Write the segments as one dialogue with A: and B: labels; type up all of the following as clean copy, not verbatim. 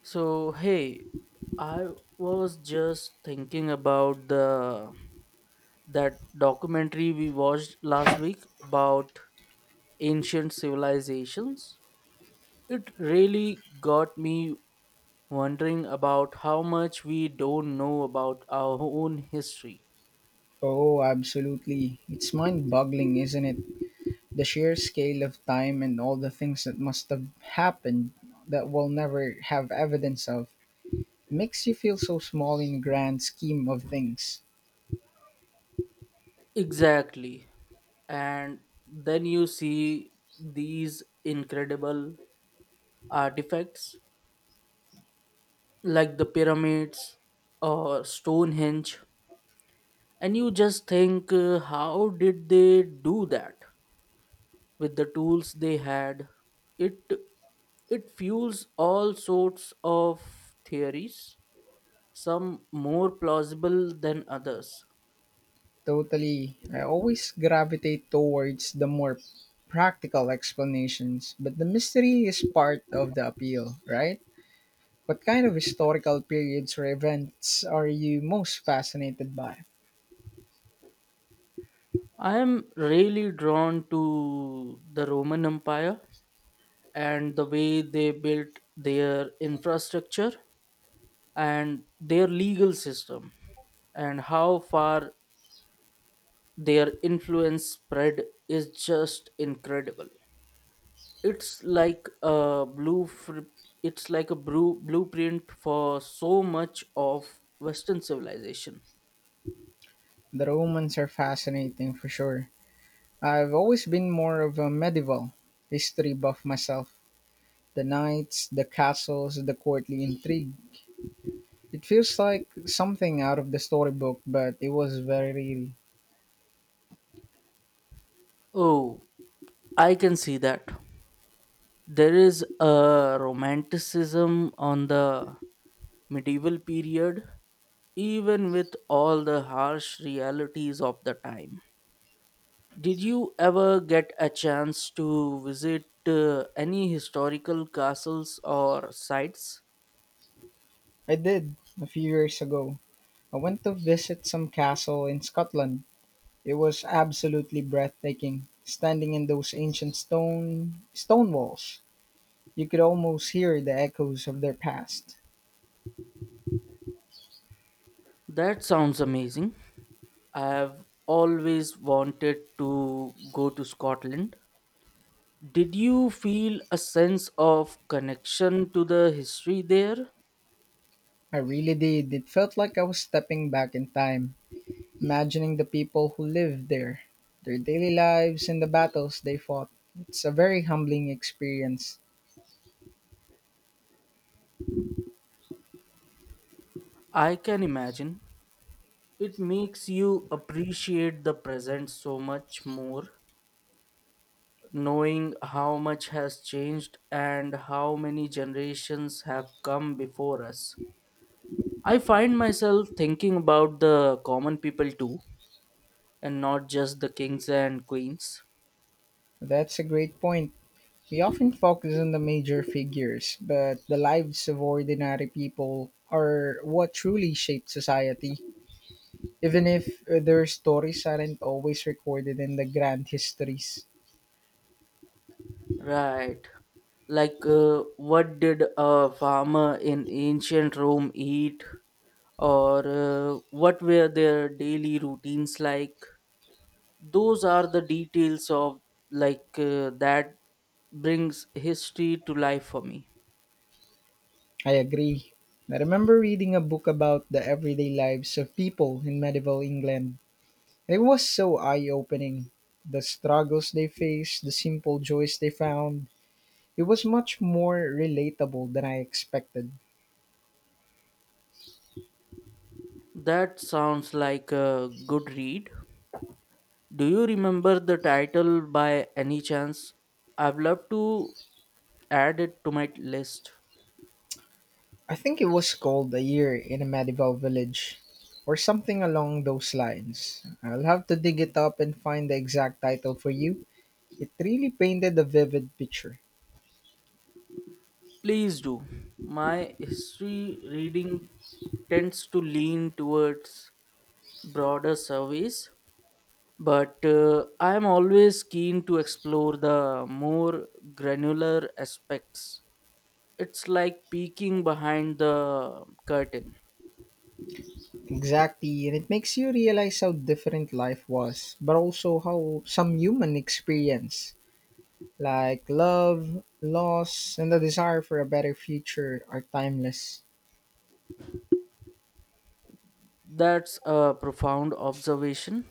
A: So, hey, I was just thinking about the that documentary we watched last week about ancient civilizations. It really got me wondering about how much we don't know about our own history.
B: Oh, absolutely. It's mind boggling, isn't it? The sheer scale of time and all the things that must have happened that we'll never have evidence of makes you feel so small in grand scheme of things.
A: Exactly. And then you see these incredible artifacts like the pyramids or Stonehenge, and you just think, how did they do that with the tools they had? It it fuels all sorts of theories, some more plausible than others.
B: Totally. I always gravitate towards the more practical explanations, but the mystery is part of the appeal, right? What kind of historical periods or events are you most fascinated by?
A: I am really drawn to the Roman Empire, and the way they built their infrastructure and their legal system and how far their influence spread is just incredible. it's like a blue fr- it's like a brew- blueprint for so much of Western civilization.
B: The Romans are fascinating for sure. I've always been more of a medieval history buff myself. The knights, the castles, the courtly intrigue. It feels like something out of the storybook, but it was very real.
A: Oh, I can see that. There is a romanticism on the medieval period, even with all the harsh realities of the time. Did you ever get a chance to visit any historical castles or sites?
B: I did a few years ago. I went to visit some castle in Scotland. It was absolutely breathtaking. Standing in those ancient stone walls, you could almost hear the echoes of their past.
A: That sounds amazing. I've always wanted to go to Scotland. Did you feel a sense of connection to the history there?
B: I really did. It felt like I was stepping back in time, imagining the people who lived there, their daily lives, and the battles they fought. It's a very humbling experience.
A: I can imagine. It makes you appreciate the present so much more, knowing how much has changed and how many generations have come before us. I find myself thinking about the common people too, and not just the kings and queens.
B: That's a great point. We often focus on the major figures, but the lives of ordinary people are what truly shape society, even if their stories aren't always recorded in the grand histories.
A: Right. What did a farmer in ancient Rome eat? Or what were their daily routines like? Those are the details of, that brings history to life for me.
B: I agree. I remember reading a book about the everyday lives of people in medieval England. It was so eye opening. The struggles they faced, the simple joys they found. It was much more relatable than I expected.
A: That sounds like a good read. Do you remember the title by any chance? I've loved to add it to my list.
B: I think it was called A Year in a Medieval Village, or something along those lines. I'll have to dig it up and find the exact title for you. It really painted a vivid picture.
A: Please do. My history reading tends to lean towards broader surveys, but I am always keen to explore the more granular aspects. It's like peeking behind the curtain.
B: Exactly, and it makes you realize how different life was, but also how some human experience like love, loss, and the desire for a better future are timeless.
A: That's a profound observation.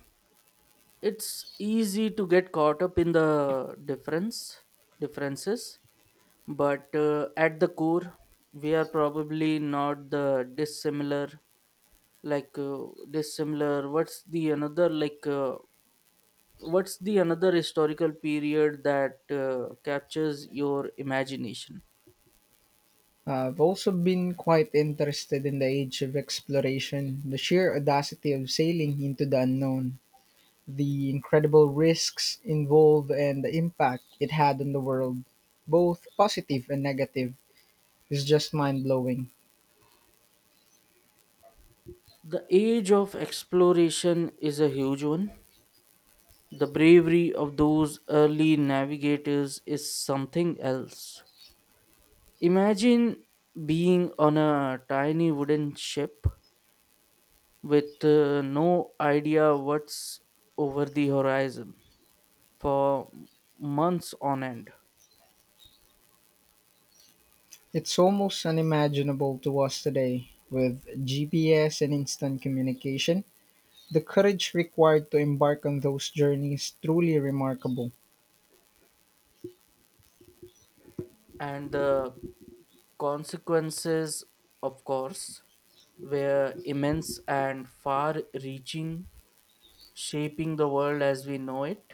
A: It's easy to get caught up in the differences, but at the core we are probably not the dissimilar. like uh, what's the another? What's the another historical period that captures your imagination?
B: I've also been quite interested in the age of exploration, the sheer audacity of sailing into the unknown, the incredible risks involved, and the impact it had on the world, both positive and negative, is just mind blowing.
A: The age of exploration is a huge one. The bravery of those early navigators is something else. Imagine being on a tiny wooden ship with no idea what's over the horizon for months on end.
B: It's almost unimaginable to us today with GPS and instant communication. The courage required to embark on those journeys is truly remarkable.
A: And the consequences, of course, were immense and far reaching, shaping the world as we know it.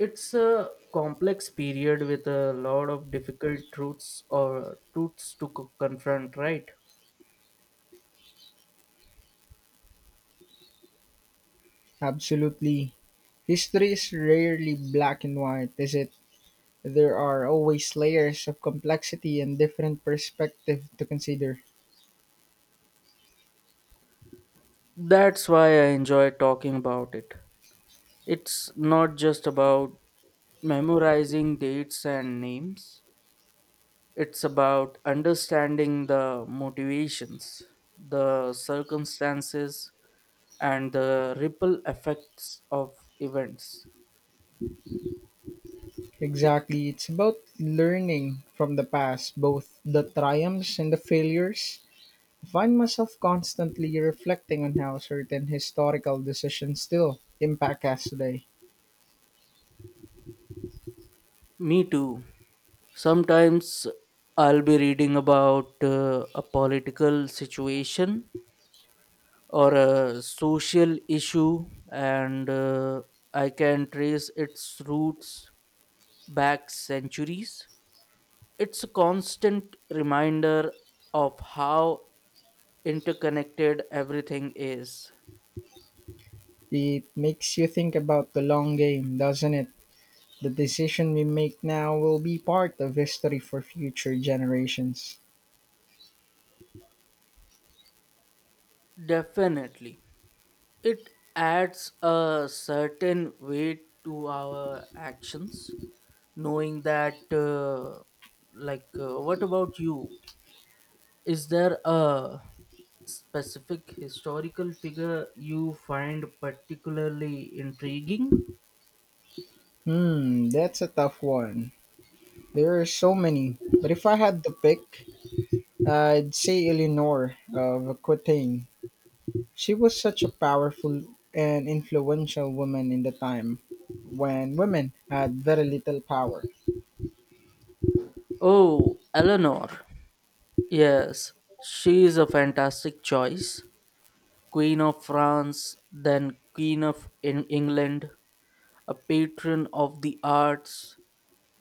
A: It's a complex period with a lot of difficult truths or confront, right?
B: Absolutely. History is rarely black and white, is it? There are always layers of complexity and different perspectives to consider.
A: That's why I enjoy talking about it. It's not just about memorizing dates and names. It's about understanding the motivations, the circumstances, and the ripple effects of events.
B: Exactly. It's about learning from the past, both the triumphs and the failures. I find myself constantly reflecting on how certain historical decisions still impact us today.
A: Me too. Sometimes I'll be reading about a political situation or a social issue, and I can trace its roots back centuries. It's a constant reminder of how interconnected everything is.
B: It makes you think about the long game, doesn't it? The decision we make now will be part of history for future generations.
A: Definitely. It adds a certain weight to our actions, knowing what about you? Is there a specific historical figure you find particularly intriguing?
B: Hmm, that's a tough one. There are so many. But if I had to pick, I'd say Eleanor of Aquitaine. She was such a powerful and influential woman in the time when women had very little power.
A: Oh, Eleanor. Yes, she is a fantastic choice. Queen of France, then Queen of in England, a patron of the arts,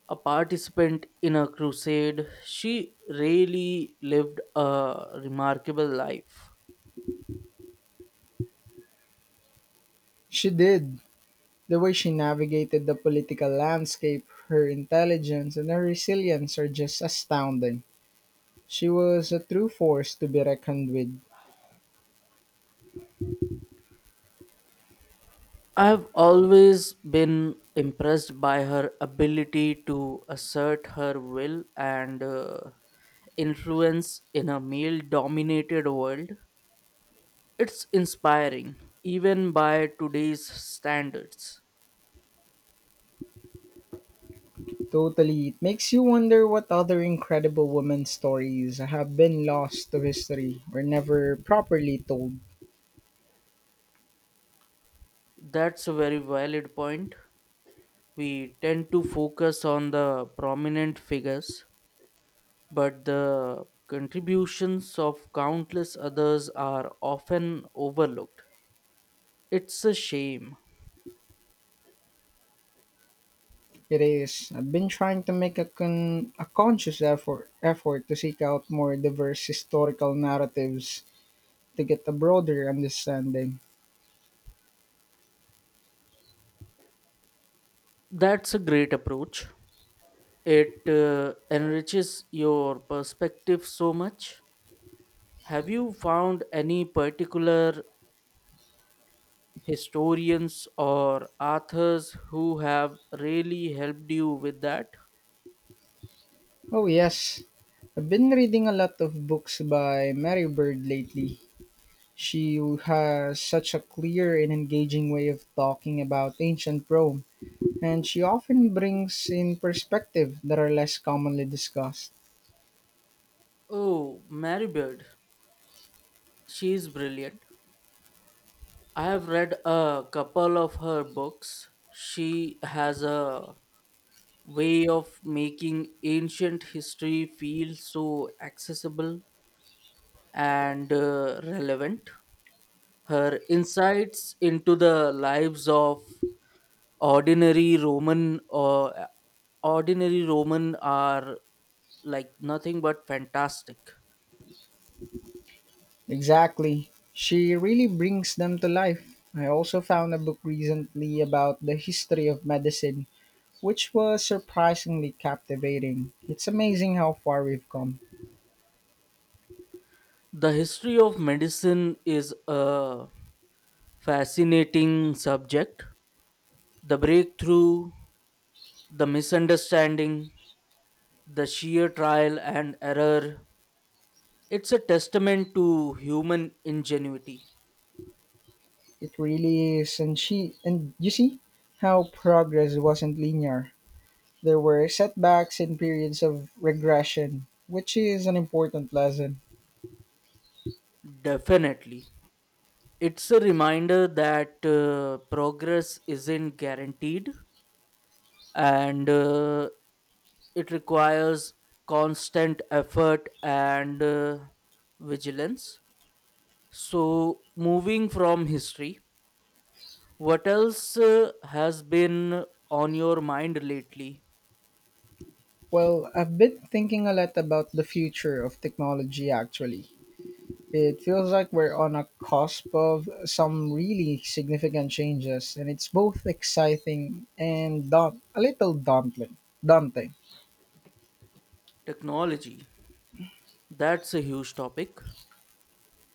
A: a participant in a crusade. She really lived a remarkable life.
B: She did. The way she navigated the political landscape, her intelligence, and her resilience are just astounding. She was a true force to be reckoned with.
A: I've always been impressed by her ability to assert her will and influence in a male dominated world. It's inspiring, even by today's standards.
B: Totally. It makes you wonder what other incredible women stories have been lost to history or never properly told.
A: That's a very valid point. We tend to focus on the prominent figures, but the contributions of countless others are often overlooked. It's a shame.
B: It is. I've been trying to make a conscious effort to seek out more diverse historical narratives to get a broader understanding.
A: That's a great approach. It enriches your perspective so much. Have you found any particular historians or authors who have really helped you with that?
B: Oh yes, I've been reading a lot of books by Mary Bird lately. She has such a clear and engaging way of talking about ancient Rome, and she often brings in perspective that are less commonly discussed.
A: Oh, Mary Bird. She is brilliant. I have read a couple of her books. She has a way of making ancient history feel so accessible and relevant. Her insights into the lives of ordinary roman or uh, ordinary roman are like nothing but fantastic.
B: Exactly. She really brings them to life. I also found a book recently about the history of medicine, which was surprisingly captivating. It's amazing how far we've come.
A: The history of medicine is a fascinating subject. The breakthrough, the misunderstanding, the sheer trial and error, it's a testament to human ingenuity.
B: It really is, and she and you see how progress wasn't linear. There were setbacks and periods of regression, which is an important lesson.
A: Definitely. It's a reminder that progress isn't guaranteed, and it requires constant effort and vigilance. So moving from history, what else has been on your mind lately?
B: Well, I've been thinking a lot about the future of technology actually. It feels like we're on a cusp of some really significant changes, and it's both exciting and a little daunting.
A: Technology, that's a huge topic.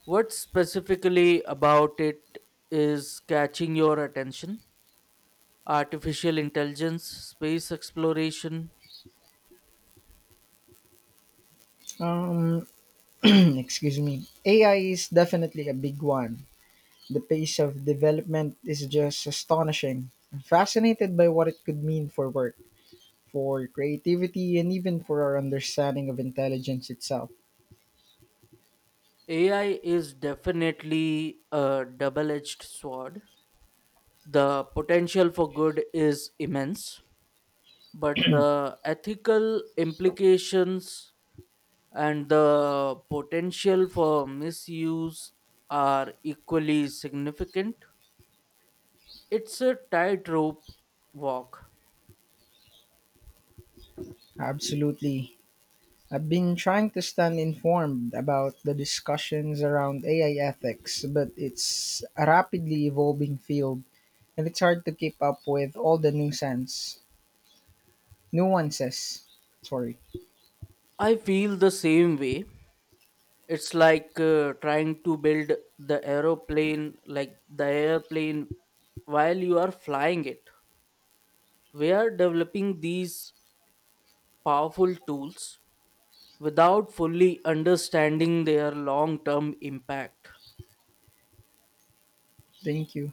A: What specifically about it is catching your attention? Artificial intelligence? Space exploration?
B: Um, excuse me. AI is definitely a big one. The pace of development is just astonishing. I'm fascinated by what it could mean for work, for creativity, and even for our understanding of intelligence itself.
A: AI is definitely a double edged sword. The potential for good is immense, but the ethical implications and the potential for misuse are equally significant. It's a tightrope walk.
B: Absolutely. I've been trying to stand informed about the discussions around AI ethics, but it's a rapidly evolving field and it's hard to keep up with all the nuisance nuances. Sorry.
A: I feel the same way. It's like trying to build the aeroplane, like the airplane, while you are flying it. We are developing these powerful tools without fully understanding their long term impact.
B: Thank you.